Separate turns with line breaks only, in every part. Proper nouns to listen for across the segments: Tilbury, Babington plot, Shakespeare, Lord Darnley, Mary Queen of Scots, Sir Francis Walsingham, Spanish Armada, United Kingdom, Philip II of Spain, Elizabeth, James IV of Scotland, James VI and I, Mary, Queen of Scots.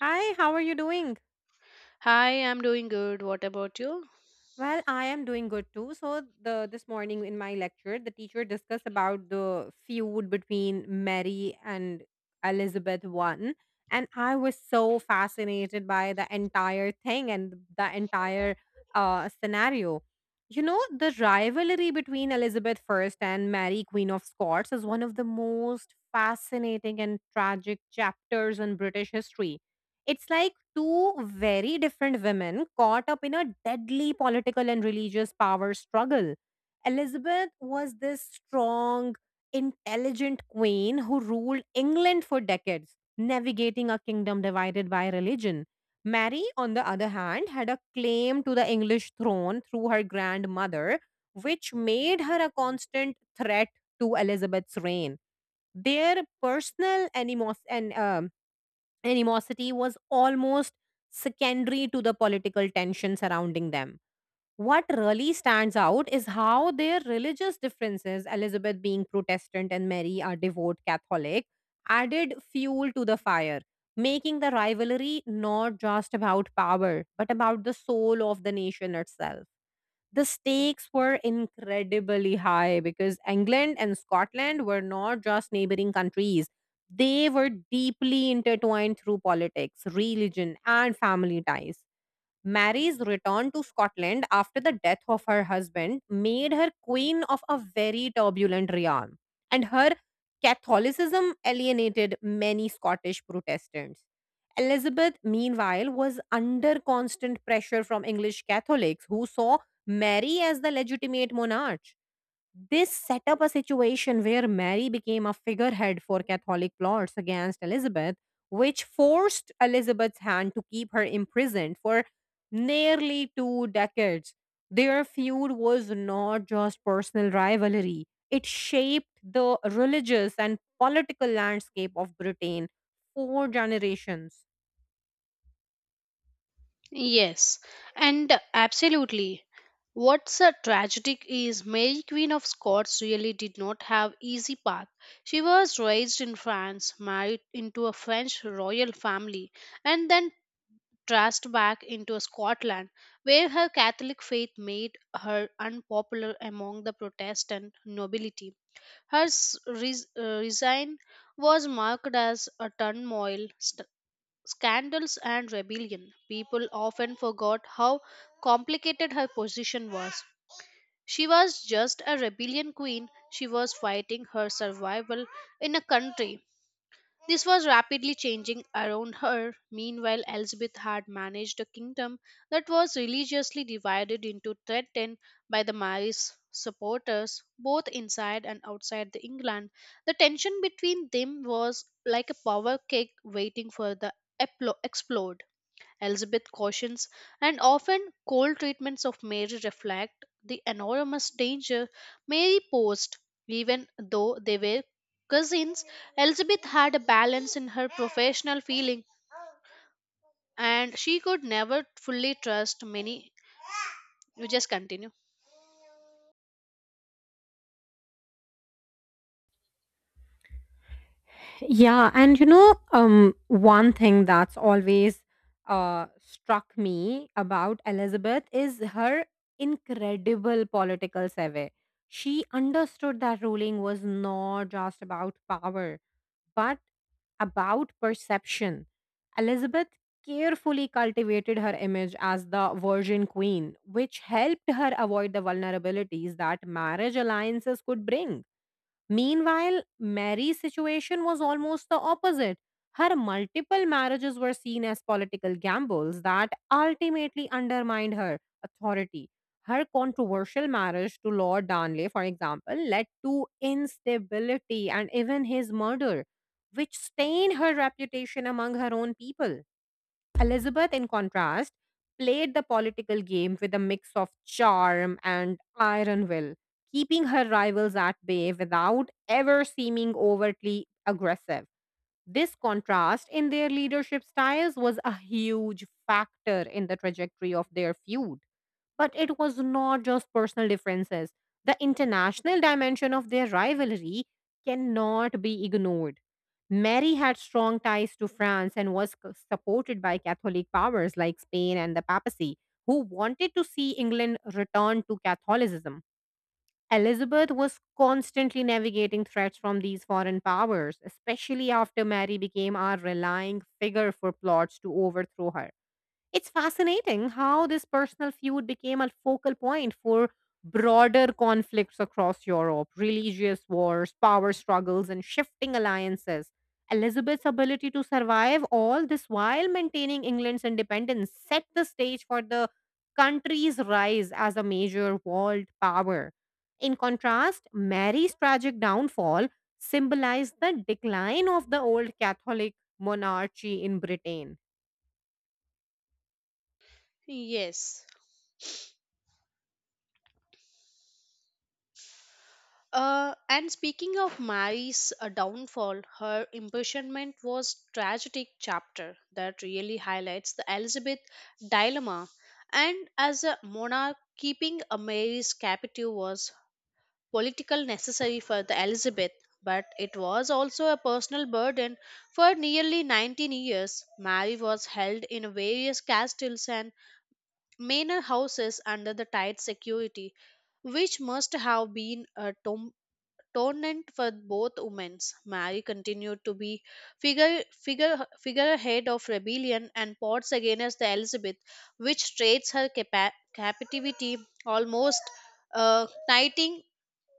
Hi, how are you doing?
Hi, I'm doing good. What about you?
Well, I am doing good too. So the this morning in my lecture, the teacher discussed about the feud between Mary and Elizabeth one, and I was so fascinated by the entire thing and the entire scenario. The rivalry between Elizabeth first and Mary, Queen of Scots, is one of the most fascinating and tragic chapters in British history. It's like two very different women caught up in a deadly political and religious power struggle. Elizabeth was this strong, intelligent queen who ruled England for decades, navigating a kingdom divided by religion. Mary, on the other hand, had a claim to the English throne through her grandmother, which made her a constant threat to Elizabeth's reign. Their personal and animosity was almost secondary to the political tension surrounding them. What really stands out is how their religious differences, Elizabeth being Protestant and Mary a devout Catholic, added fuel to the fire, making the rivalry not just about power, but about the soul of the nation itself. The stakes were incredibly high because England and Scotland were not just neighboring countries. They were deeply intertwined through politics, religion, and family ties. Mary's return to Scotland after the death of her husband made her queen of a very turbulent realm, and her Catholicism alienated many Scottish Protestants. Elizabeth, meanwhile, was under constant pressure from English Catholics who saw Mary as the legitimate monarch. This set up a situation where Mary became a figurehead for Catholic plots against Elizabeth, which forced Elizabeth's hand to keep her imprisoned for nearly 2 decades. Their feud was not just personal rivalry, it shaped the religious and political landscape of Britain for generations.
Yes, and absolutely. What's a tragic is Mary Queen of Scots really did not have easy path. She was raised in France, married into a French royal family, and then thrust back into Scotland, where her Catholic faith made her unpopular among the Protestant nobility. Her resign was marked as a turmoil, scandals and rebellion. People often forgot how complicated her position was. She was just a rebellion queen, she was fighting her survival in a country. This was rapidly changing around her. Meanwhile, Elizabeth had managed a kingdom that was religiously divided into threatened by the Mary's supporters, both inside and outside the England. The tension between them was like a power cake waiting for the explode. Elizabeth cautions, and often cold treatments of Mary reflect the enormous danger Mary posed. Even though they were cousins, Elizabeth had a balance in her professional feeling, and she could never fully trust many. You just continue.
Yeah, and one thing that's always struck me about Elizabeth is her incredible political savvy. She understood that ruling was not just about power, but about perception. Elizabeth carefully cultivated her image as the Virgin Queen, which helped her avoid the vulnerabilities that marriage alliances could bring. Meanwhile, Mary's situation was almost the opposite. Her multiple marriages were seen as political gambles that ultimately undermined her authority. Her controversial marriage to Lord Darnley, for example, led to instability and even his murder, which stained her reputation among her own people. Elizabeth, in contrast, played the political game with a mix of charm and iron will, keeping her rivals at bay without ever seeming overtly aggressive. This contrast in their leadership styles was a huge factor in the trajectory of their feud. But it was not just personal differences. The international dimension of their rivalry cannot be ignored. Mary had strong ties to France and was supported by Catholic powers like Spain and the papacy, who wanted to see England return to Catholicism. Elizabeth was constantly navigating threats from these foreign powers, especially after Mary became a relying figure for plots to overthrow her. It's fascinating how this personal feud became a focal point for broader conflicts across Europe: religious wars, power struggles, and shifting alliances. Elizabeth's ability to survive all this while maintaining England's independence set the stage for the country's rise as a major world power. In contrast, Mary's tragic downfall symbolized the decline of the old Catholic monarchy in Britain.
Yes. And speaking of Mary's downfall, her imprisonment was tragic chapter that really highlights the Elizabeth dilemma. And as a monarch, keeping a Mary's captive was political necessary for the Elizabeth, but it was also a personal burden. For nearly 19 years, Mary was held in various castles and manor houses under the tight security which must have been a tournament for both women's. Mary continued to be figure figure figurehead of rebellion and plots against the Elizabeth, which traits her captivity almost knighting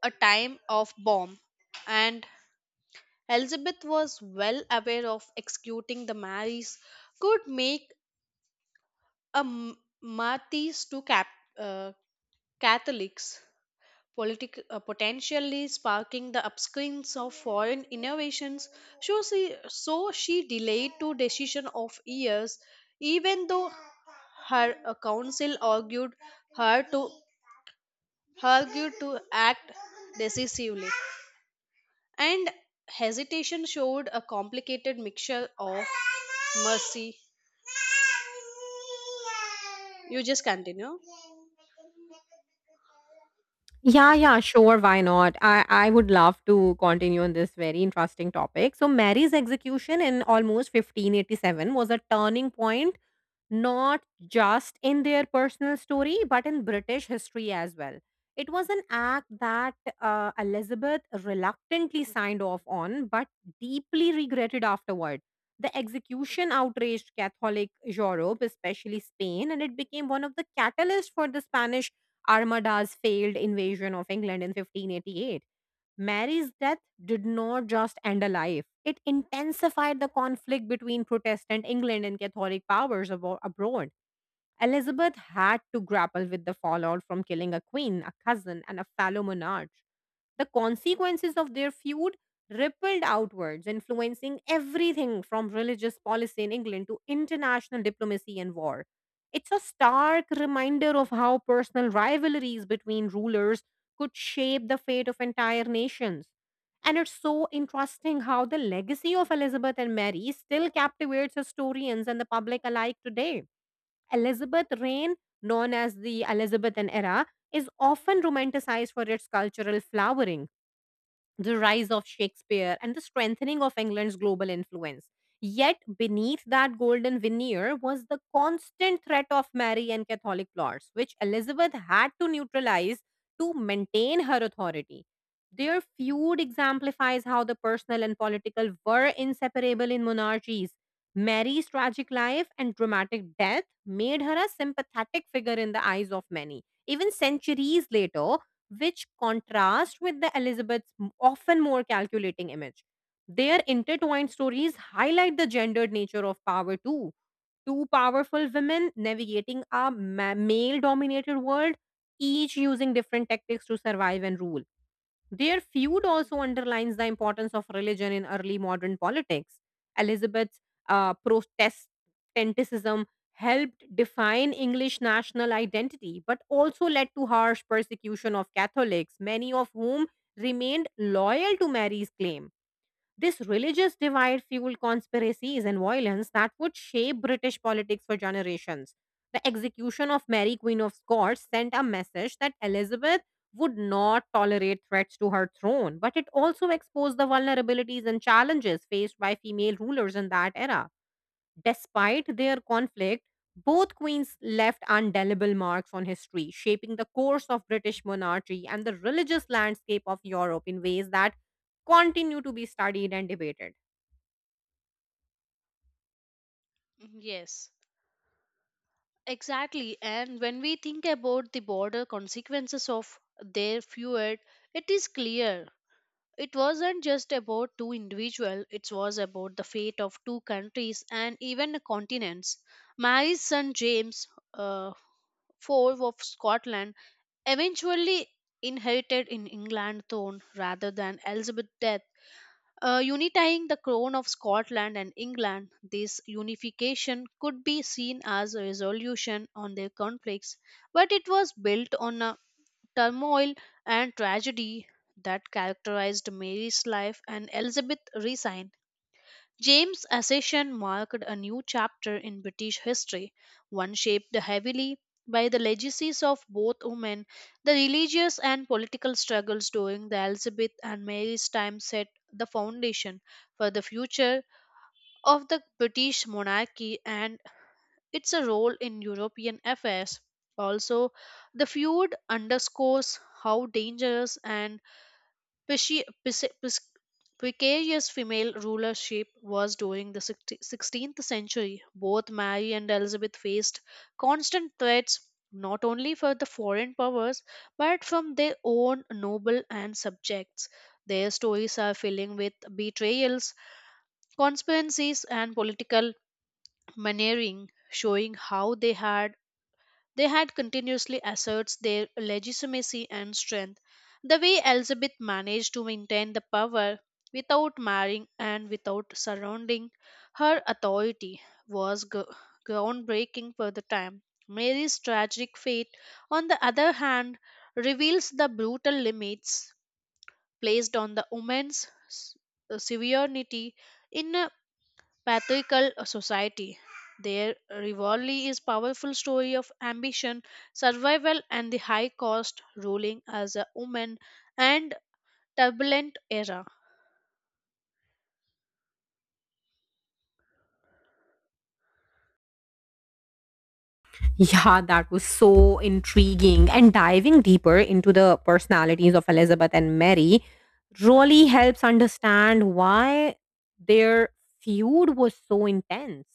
a time of bomb. And Elizabeth was well aware of executing the Marys could make a martyrs to Catholics potentially sparking the upswings of foreign innovations. So she, so she delayed to decision of years, even though her council argued her to argued to act decisively. And hesitation showed a complicated mixture of mercy. You just continue.
Yeah, yeah, sure. Why not? I would love to continue on this very interesting topic. So, Mary's execution in almost 1587 was a turning point not just in their personal story, but in British history as well. It was an act that Elizabeth reluctantly signed off on, but deeply regretted afterward. The execution outraged Catholic Europe, especially Spain, and it became one of the catalysts for the Spanish Armada's failed invasion of England in 1588. Mary's death did not just end a life, it intensified the conflict between Protestant England and Catholic powers abroad. Elizabeth had to grapple with the fallout from killing a queen, a cousin, and a fellow monarch. The consequences of their feud rippled outwards, influencing everything from religious policy in England to international diplomacy and war. It's a stark reminder of how personal rivalries between rulers could shape the fate of entire nations. And it's so interesting how the legacy of Elizabeth and Mary still captivates historians and the public alike today. Elizabeth's reign, known as the Elizabethan era, is often romanticized for its cultural flowering the rise of Shakespeare and the strengthening of England's global influence. Yet, beneath that golden veneer was the constant threat of Mary and Catholic plots, which Elizabeth had to neutralize to maintain her authority. Their feud exemplifies how the personal and political were inseparable in monarchies. Mary's tragic life and dramatic death made her a sympathetic figure in the eyes of many, even centuries later, which contrast with the Elizabeth's often more calculating image. Their intertwined stories highlight the gendered nature of power too. Two powerful women navigating a male dominated world, each using different tactics to survive and rule. Their feud also underlines the importance of religion in early modern politics. Elizabeth's Protestantism helped define English national identity, but also led to harsh persecution of Catholics, many of whom remained loyal to Mary's claim. This religious divide fueled conspiracies and violence that would shape British politics for generations. The execution of Mary, Queen of Scots, sent a message that Elizabeth would not tolerate threats to her throne, but it also exposed the vulnerabilities and challenges faced by female rulers in that era. Despite their conflict, both queens left indelible marks on history, shaping the course of British monarchy and the religious landscape of Europe in ways that continue to be studied and debated.
Yes. Exactly, and when we think about the border consequences of their feud, it is clear it wasn't just about two individuals, it was about the fate of two countries and even continents. Mary's son James, uh, IV of Scotland, eventually inherited in England throne rather than Elizabeth's death, unifying the crown of Scotland and England. This unification could be seen as a resolution on their conflicts, but it was built on a turmoil and tragedy that characterized Mary's life and Elizabeth resigned. James' accession marked a new chapter in British history, one shaped heavily by the legacies of both women. The religious and political struggles during the Elizabeth and Mary's time set the foundation for the future of the British monarchy and its role in European affairs. Also, the feud underscores how dangerous and Pishi- pis- pis- precarious female rulership was during the 16th century. Both Mary and Elizabeth faced constant threats not only from the foreign powers but from their own noble and subjects. Their stories are filling with betrayals, conspiracies, and political maneering, showing how they had continuously asserts their legitimacy and strength. The way Elizabeth managed to maintain the power without marrying and without surrounding her authority was groundbreaking for the time. Mary's tragic fate, on the other hand, reveals the brutal limits placed on the woman's severity in patriarchal society. Their rivalry is powerful story of ambition, survival, and the high cost ruling as a woman and turbulent era.
Yeah, that was so intriguing. And diving deeper into the personalities of Elizabeth and Mary really helps understand why their feud was so intense.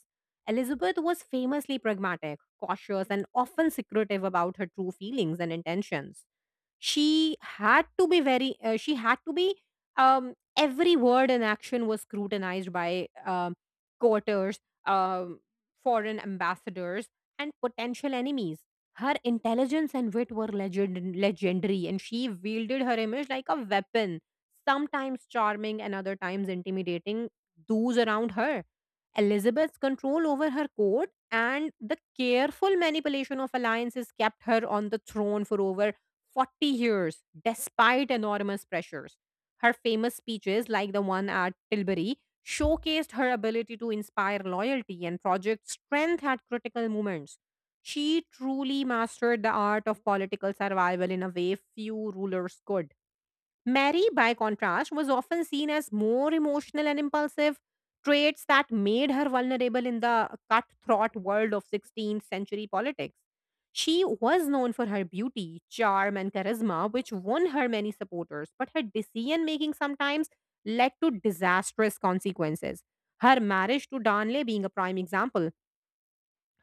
Elizabeth was famously pragmatic, cautious, and often secretive about her true feelings and intentions. She had to be Every word and action was scrutinized by quarters, um foreign ambassadors, and potential enemies. Her intelligence and wit were legendary, and she wielded her image like a weapon, sometimes charming and other times intimidating those around her. Elizabeth's control over her court and the careful manipulation of alliances kept her on the throne for over 40 years despite enormous pressures. Her famous speeches, like the one at Tilbury, showcased her ability to inspire loyalty and project strength at critical moments. She truly mastered the art of political survival in a way few rulers could. Mary, by contrast, was often seen as more emotional and impulsive, traits that made her vulnerable in the cutthroat world of 16th century politics. She was known for her beauty, charm, and charisma, which won her many supporters, but her decision making sometimes led to disastrous consequences. Her marriage to Darnley being a prime example.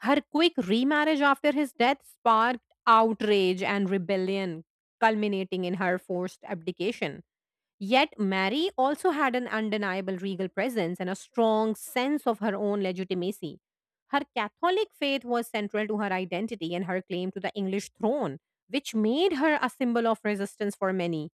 Her quick remarriage after his death sparked outrage and rebellion, culminating in her forced abdication. Yet, Mary also had an undeniable regal presence and a strong sense of her own legitimacy. Her Catholic faith was central to her identity and her claim to the English throne, which made her a symbol of resistance for many.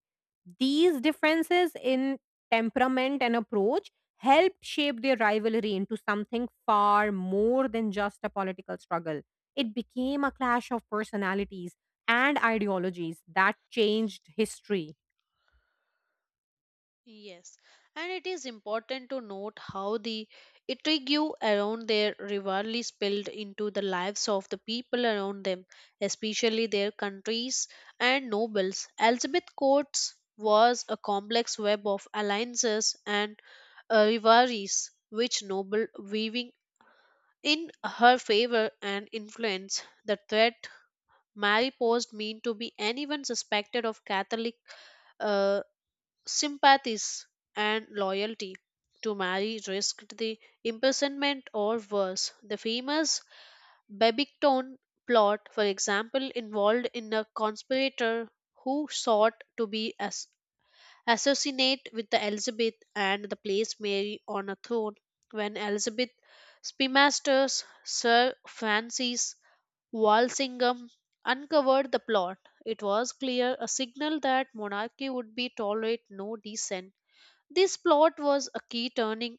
These differences in temperament and approach helped shape their rivalry into something far more than just a political struggle. It became a clash of personalities and ideologies that changed history.
Yes, and it is important to note how the intrigue around their rivalry spilled into the lives of the people around them, especially their countries and nobles. Elizabeth Court's was a complex web of alliances and rivalries which noble weaving in her favor and influence. The threat Mary posed meant to be anyone suspected of Catholic uh, sympathies and loyalty to Mary risked the imprisonment or worse. The famous Babington plot, for example, involved in a conspirator who sought to be as assassinate with the Elizabeth and the place Mary on a throne. When Elizabeth Spymaster's Sir Francis Walsingham uncovered the plot, it was clear a signal that monarchy would be tolerate no dissent. This plot was a key turning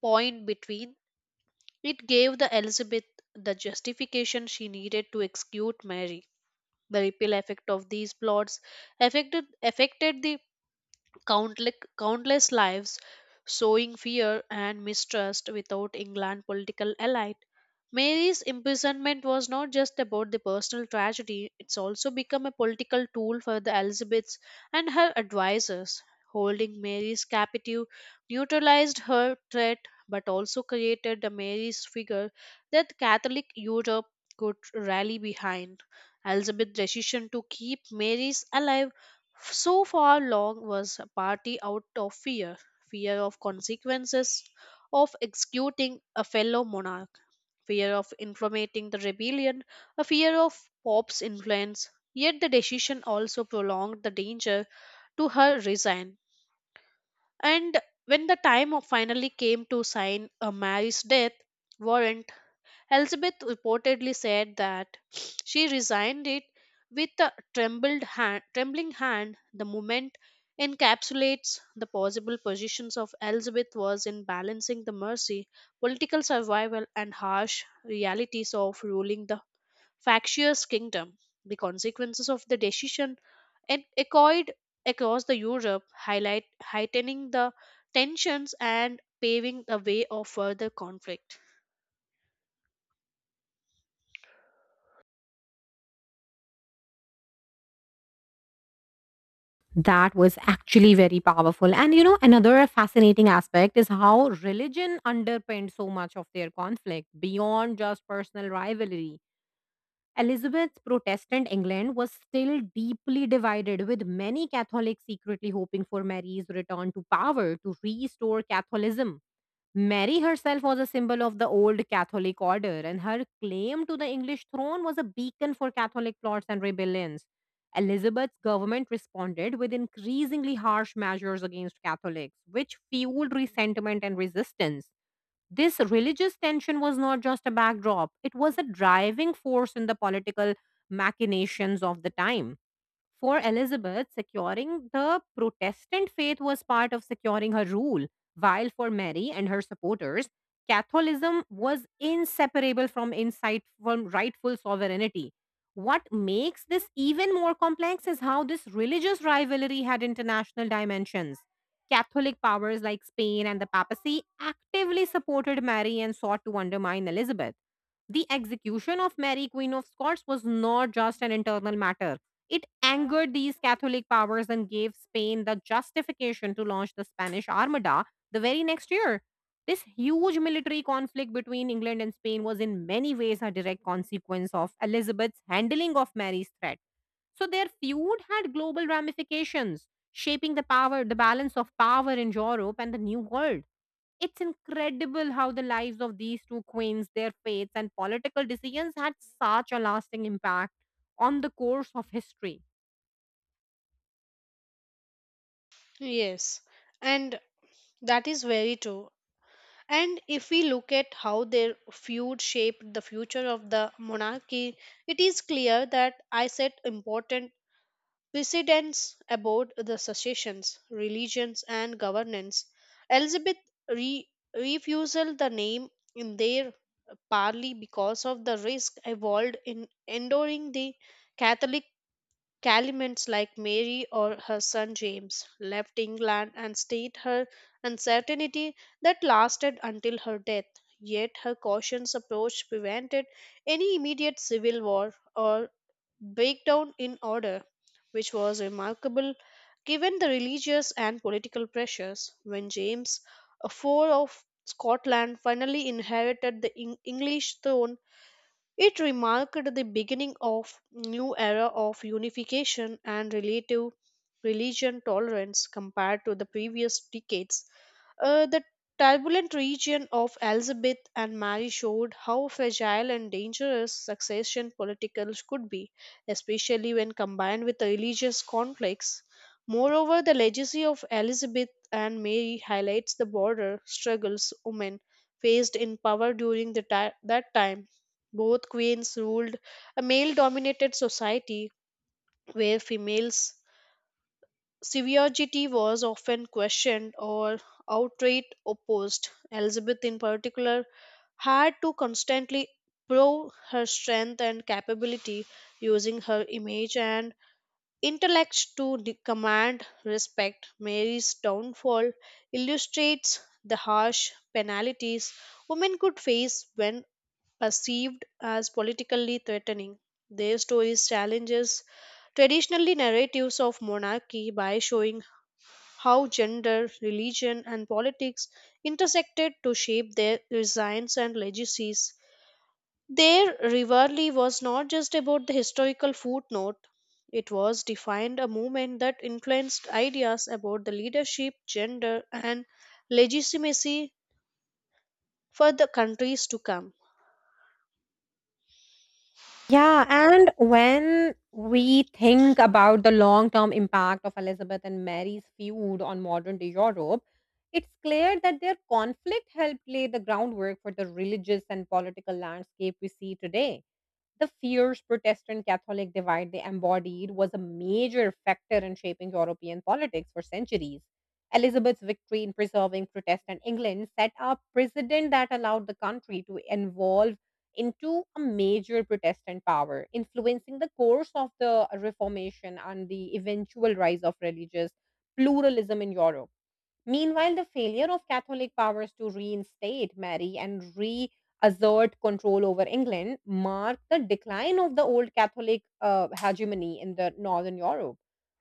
point between it gave the Elizabeth the justification she needed to execute Mary. The ripple effect of these plots affected the countless lives, sowing fear and mistrust without England political elite. Mary's imprisonment was not just about the personal tragedy, it's also become a political tool for the Elizabeths and her advisors. Holding Mary's captive neutralized her threat but also created a Mary's figure that Catholic Europe could rally behind. Elizabeth's decision to keep Mary's alive so far, Long was a party out of fear of consequences of executing a fellow monarch, fear of informating the rebellion, a fear of Pope's influence. Yet the decision also prolonged the danger to her resign. And when the finally came to sign a Mary's death warrant, Elizabeth reportedly said that she resigned it with a trembling hand. The moment encapsulates the possible positions of Elizabeth was in balancing the mercy, political survival, and harsh realities of ruling the factious kingdom. The consequences of the decision it echoed across the Europe, heightening the tensions and paving the way of further conflict.
That was actually very powerful. And another fascinating aspect is how religion underpinned so much of their conflict beyond just personal rivalry. Elizabeth's Protestant England was still deeply divided, with many Catholics secretly hoping for Mary's return to power to restore Catholicism. Mary herself was a symbol of the old Catholic order, and her claim to the English throne was a beacon for Catholic plots and rebellions. Elizabeth's government responded with increasingly harsh measures against Catholics, which fueled resentment and resistance. This religious tension was not just a backdrop, it was a driving force in the political machinations of the time. For Elizabeth, securing the Protestant faith was part of securing her rule, while for Mary and her supporters, Catholicism was inseparable from insight from rightful sovereignty. What makes this even more complex is how this religious rivalry had international dimensions. Catholic powers like Spain and the papacy actively supported Mary and sought to undermine Elizabeth. The execution of Mary, Queen of Scots, was not just an internal matter. It angered these Catholic powers and gave Spain the justification to launch the Spanish Armada the very next year. This huge military conflict between England and Spain was in many ways a direct consequence of Elizabeth's handling of Mary's threat. So their feud had global ramifications, shaping the power, the balance of power in Europe and the New World. It's incredible how the lives of these two queens, their fates, and political decisions had such a lasting impact on the course of history.
Yes, and that is very true. And if we look at how their feud shaped the future of the monarchy, it is clear that I set important precedents about the successions, religions, and governance. Elizabeth re- refused the name in their parley because of the risk involved in enduring the Catholic Calimans like Mary or her son James left England and stayed her uncertainty that lasted until her death. Yet her cautious approach prevented any immediate civil war or breakdown in order, which was remarkable given the religious and political pressures. When James a IV of Scotland finally inherited the English throne, it remarked the beginning of new era of unification and relative religion tolerance compared to the previous decades. The turbulent region of Elizabeth and Mary showed how fragile and dangerous succession politicals could be, especially when combined with the religious conflicts. Moreover, the legacy of Elizabeth and Mary highlights the border struggles women faced in power during the that time. Both queens ruled a male dominated society where females' severity was often questioned or outright opposed. Elizabeth, in particular, had to constantly prove her strength and capability using her image and intellect to command respect. Mary's downfall illustrates the harsh penalties women could face when perceived as politically threatening. Their stories challenges traditionally narratives of monarchy by showing how gender, religion, and politics intersected to shape their designs and legacies. Their rivalry was not just about the historical footnote, it was defined a movement that influenced ideas about the leadership, gender, and legitimacy for the countries to come.
Yeah, and when we think about the long term impact of Elizabeth and Mary's feud on modern day Europe, it's clear that their conflict helped lay the groundwork for the religious and political landscape we see today. The fierce Protestant Catholic divide they embodied was a major factor in shaping European politics for centuries. Elizabeth's victory in preserving Protestant England set a precedent that allowed the country to evolve into a major Protestant power, influencing the course of the Reformation and the eventual rise of religious pluralism in Europe. Meanwhile, the failure of Catholic powers to reinstate Mary and reassert control over England marked the decline of the old Catholic hegemony in the Northern Europe.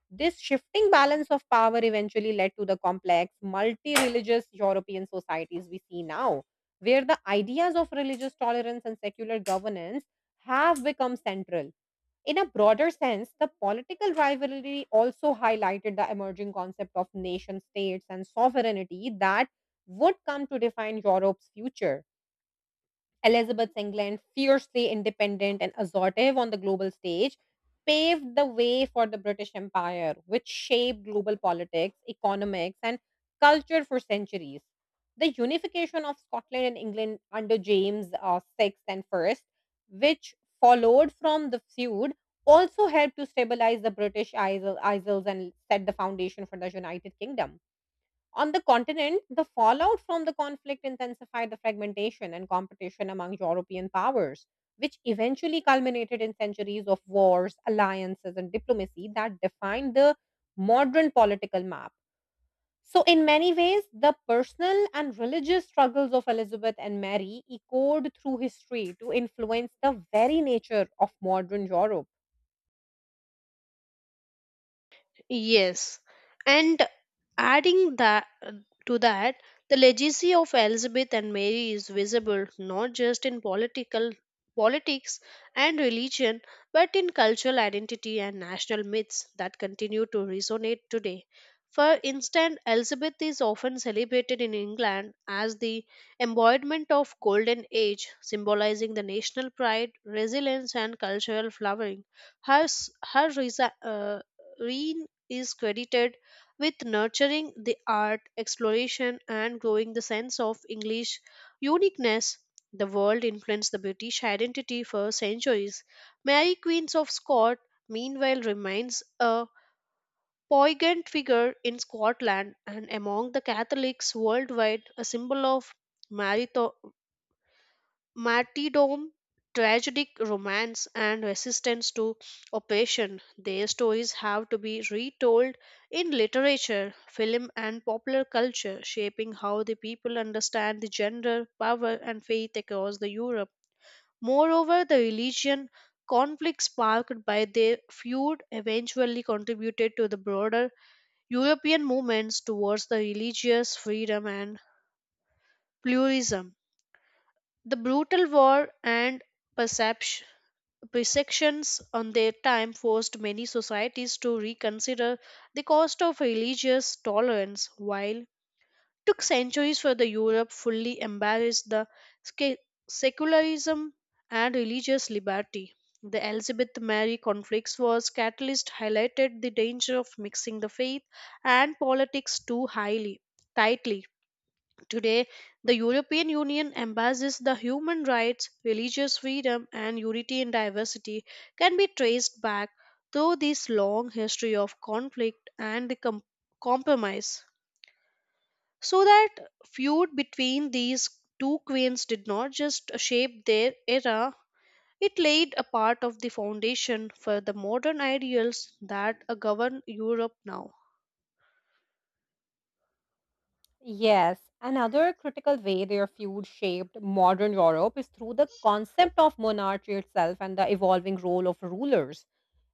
This shifting balance of power eventually led to the complex, multi religious European societies we see now, where the ideas of religious tolerance and secular governance have become central. In a broader sense, the political rivalry also highlighted the emerging concept of nation states and sovereignty that would come to define Europe's future. Elizabeth England, fiercely independent and assertive on the global stage, paved the way for the British Empire, which shaped global politics, economics, and culture for centuries. The unification of Scotland and England under James VI and I, which followed from the feud, also helped to stabilize the British Isles and set the foundation for the United Kingdom. On the continent, the fallout from the conflict intensified the fragmentation and competition among European powers, which eventually culminated in centuries of wars, alliances, and diplomacy that defined the modern political map. So, in many ways, the personal and religious struggles of Elizabeth and Mary echoed through history to influence the very nature of modern Europe.
Yes, and adding that to that, the legacy of Elizabeth and Mary is visible not just in political politics and religion, but in cultural identity and national myths that continue to resonate today. For instance, Elizabeth is often celebrated in England as the embodiment of golden age, symbolizing the national pride, resilience, and cultural flowering. Her reign is credited with nurturing the art exploration and growing the sense of English uniqueness. The world influenced the British identity for centuries. Mary, Queen of Scots, meanwhile remains a poignant figure in Scotland and among the Catholics worldwide, a symbol of marito- martyrdom, tragic romance, and resistance to oppression. Their stories have to be retold in literature, film, and popular culture, shaping how the people understand the gender, power, and faith across the Europe. Moreover, the religion conflicts sparked by their feud eventually contributed to the broader European movements towards the religious freedom and pluralism. The brutal war and perception Perceptions on their time forced many societies to reconsider the cost of religious tolerance, while took centuries for the Europe fully embrace the sca- secularism and religious liberty. The Elizabeth Mary conflicts was catalyst highlighted the danger of mixing the faith and politics too highly tightly. Today, the European Union embraces the human rights, religious freedom, and unity in diversity can be traced back through this long history of conflict and the compromise. So that feud between these two queens did not just shape their era, it laid a part of the foundation for the modern ideals that govern Europe now.
Yes, another critical way their feud shaped modern Europe is through the concept of monarchy itself and the evolving role of rulers.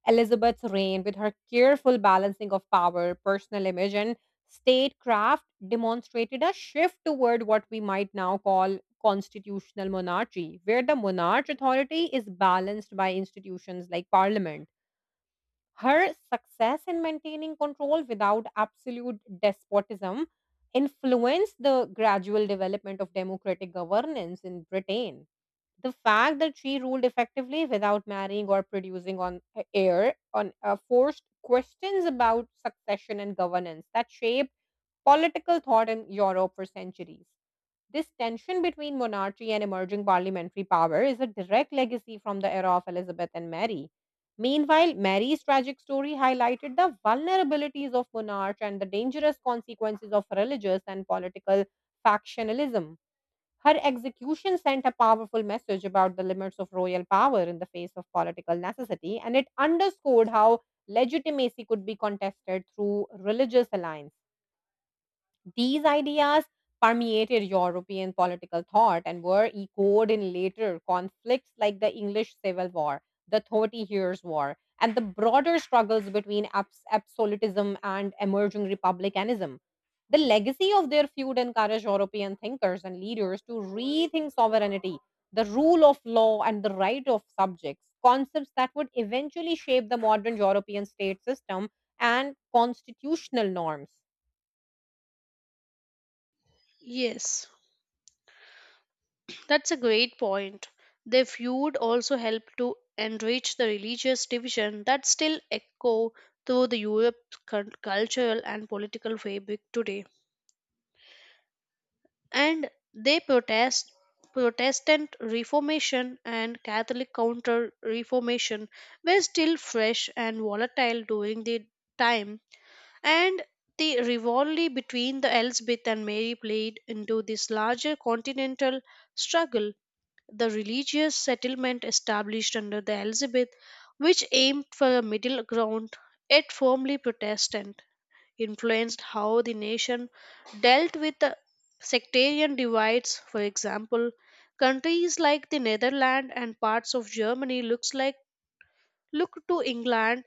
Elizabeth's reign, with her careful balancing of power, personal image, and statecraft, demonstrated a shift toward what we might now call constitutional monarchy, where the monarch's authority is balanced by institutions like parliament. Her success in maintaining control without absolute despotism influenced the gradual development of democratic governance in Britain. The fact that she ruled effectively without marrying or producing on heir on forced questions about succession and governance that shaped political thought in Europe for centuries. This tension between monarchy and emerging parliamentary power is a direct legacy from the era of Elizabeth and Mary. Meanwhile, Mary's tragic story highlighted the vulnerabilities of monarch and the dangerous consequences of religious and political factionalism. Her execution sent a powerful message about the limits of royal power in the face of political necessity, and it underscored how legitimacy could be contested through religious alliances. These ideas permeated European political thought and were echoed in later conflicts like the English Civil War, the Thirty Years' War, and the broader struggles between absolutism and emerging republicanism. The legacy of their feud encouraged European thinkers and leaders to rethink sovereignty, the rule of law, and the right of subjects, concepts that would eventually shape the modern European state system and constitutional norms.
Yes. That's a great point. Their feud also helped to enrich the religious division that still echo through the Europe's cultural and political fabric today. And they protest Protestant Reformation and Catholic Counter Reformation were still fresh and volatile during the time, and the rivalry between the Elizabeth and Mary played into this larger continental struggle the religious settlement established under the Elizabeth, which aimed for a middle ground yet firmly Protestant, influenced how the nation dealt with the sectarian divides. For example, countries like the Netherlands and parts of Germany look to England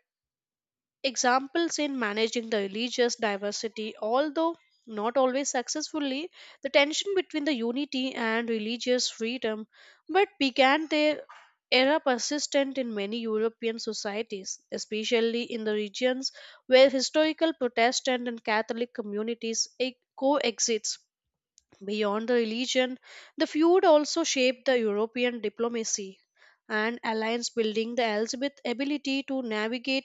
examples in managing the religious diversity, although not always successfully, the tension between the unity and religious freedom, but began their era persistent in many European societies, especially in the regions where historical Protestant and Catholic communities coexist. Beyond the religion, the feud also shaped the European diplomacy and alliance building, the Elizabeth's ability to navigate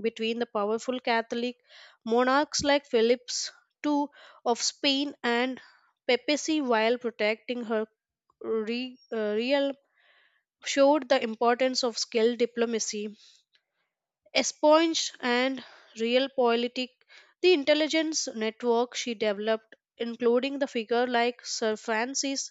between the powerful Catholic monarchs like Philip's II of Spain and papacy while protecting her realm showed the importance of skilled diplomacy, espionage, and real politic. The intelligence network she developed, including the figure like Sir Francis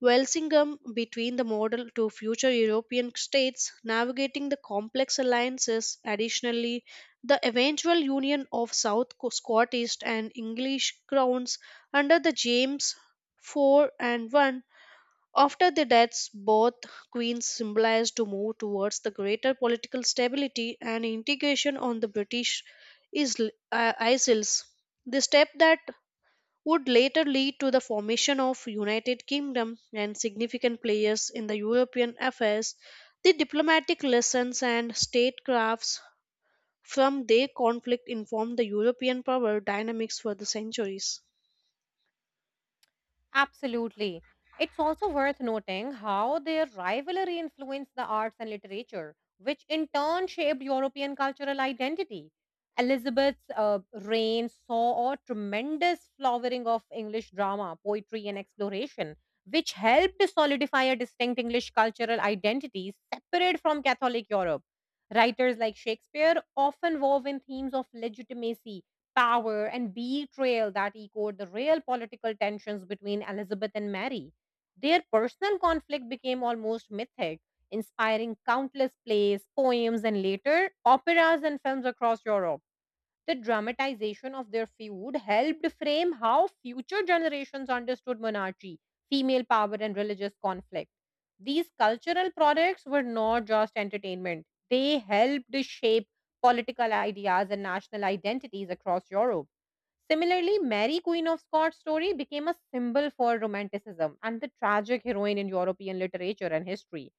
Walsingham between the model to future European states, navigating the complex alliances. Additionally, the eventual union of Scottish and English crowns under the James IV and I. After the deaths, both queens symbolized to move towards the greater political stability and integration on the British isles. The step that would later lead to the formation of United Kingdom and significant players in the European affairs. The diplomatic lessons and statecrafts from their conflict informed the European power dynamics for the centuries.
Absolutely. It's also worth noting how their rivalry influenced the arts and literature, which in turn shaped European cultural identity. Elizabeth's reign saw a tremendous flowering of English drama, poetry, and exploration, which helped to solidify a distinct English cultural identity separate from Catholic Europe. Writers like Shakespeare often wove in themes of legitimacy power and betrayal that echoed the real political tensions between Elizabeth and Mary. Their personal conflict became almost mythic, inspiring countless plays, poems, and later operas and films across Europe. The dramatization of their feud helped frame how future generations understood monarchy, female power, and religious conflict. These cultural products were not just entertainment, they helped shape political ideas and national identities across Europe. Similarly, Mary, Queen of Scots' story became a symbol for Romanticism and the tragic heroine in European literature and history.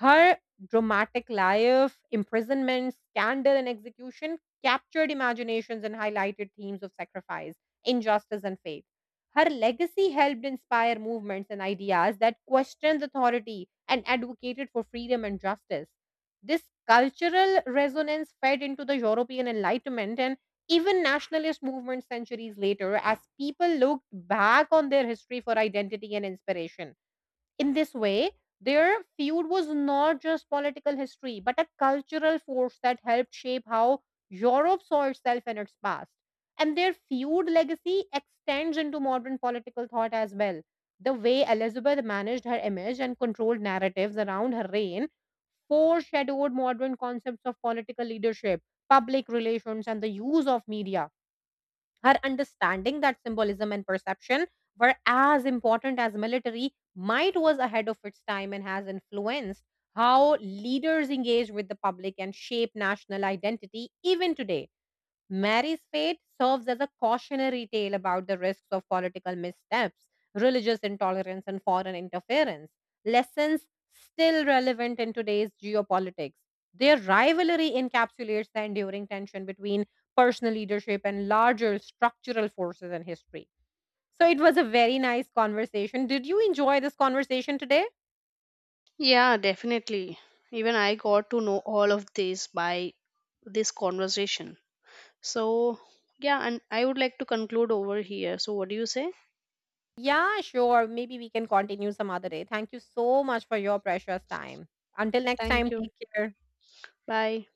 Her dramatic life, imprisonment, scandal, and execution captured imaginations and highlighted themes of sacrifice, injustice, and faith. Her legacy helped inspire movements and ideas that questioned authority and advocated for freedom and justice. This cultural resonance fed into the European Enlightenment and even nationalist movements centuries later as people looked back on their history for identity and inspiration. In this way, their feud was not just political history, but a cultural force that helped shape how Europe saw itself and its past. And their feud legacy extends into modern political thought as well. The way Elizabeth managed her image and controlled narratives around her reign foreshadowed modern concepts of political leadership, public relations, and the use of media her understanding that symbolism and perception were as important as military might was ahead of its time and has influenced how leaders engage with the public and shape national identity even today. Mary's fate serves as a cautionary tale about the risks of political missteps, religious intolerance, and foreign interference. Lessons still relevant in today's geopolitics. Their rivalry encapsulates the enduring tension between personal leadership and larger structural forces in history. So it was a very nice conversation. Did you enjoy this conversation today?
Yeah, definitely. Even I got to know all of this by this conversation. So, yeah, and I would like to conclude over here. So, what do you say?
Yeah, sure. Maybe we can continue some other day. Thank you so much for your precious time. Until next
Thank
time,
you.
take care.
Bye.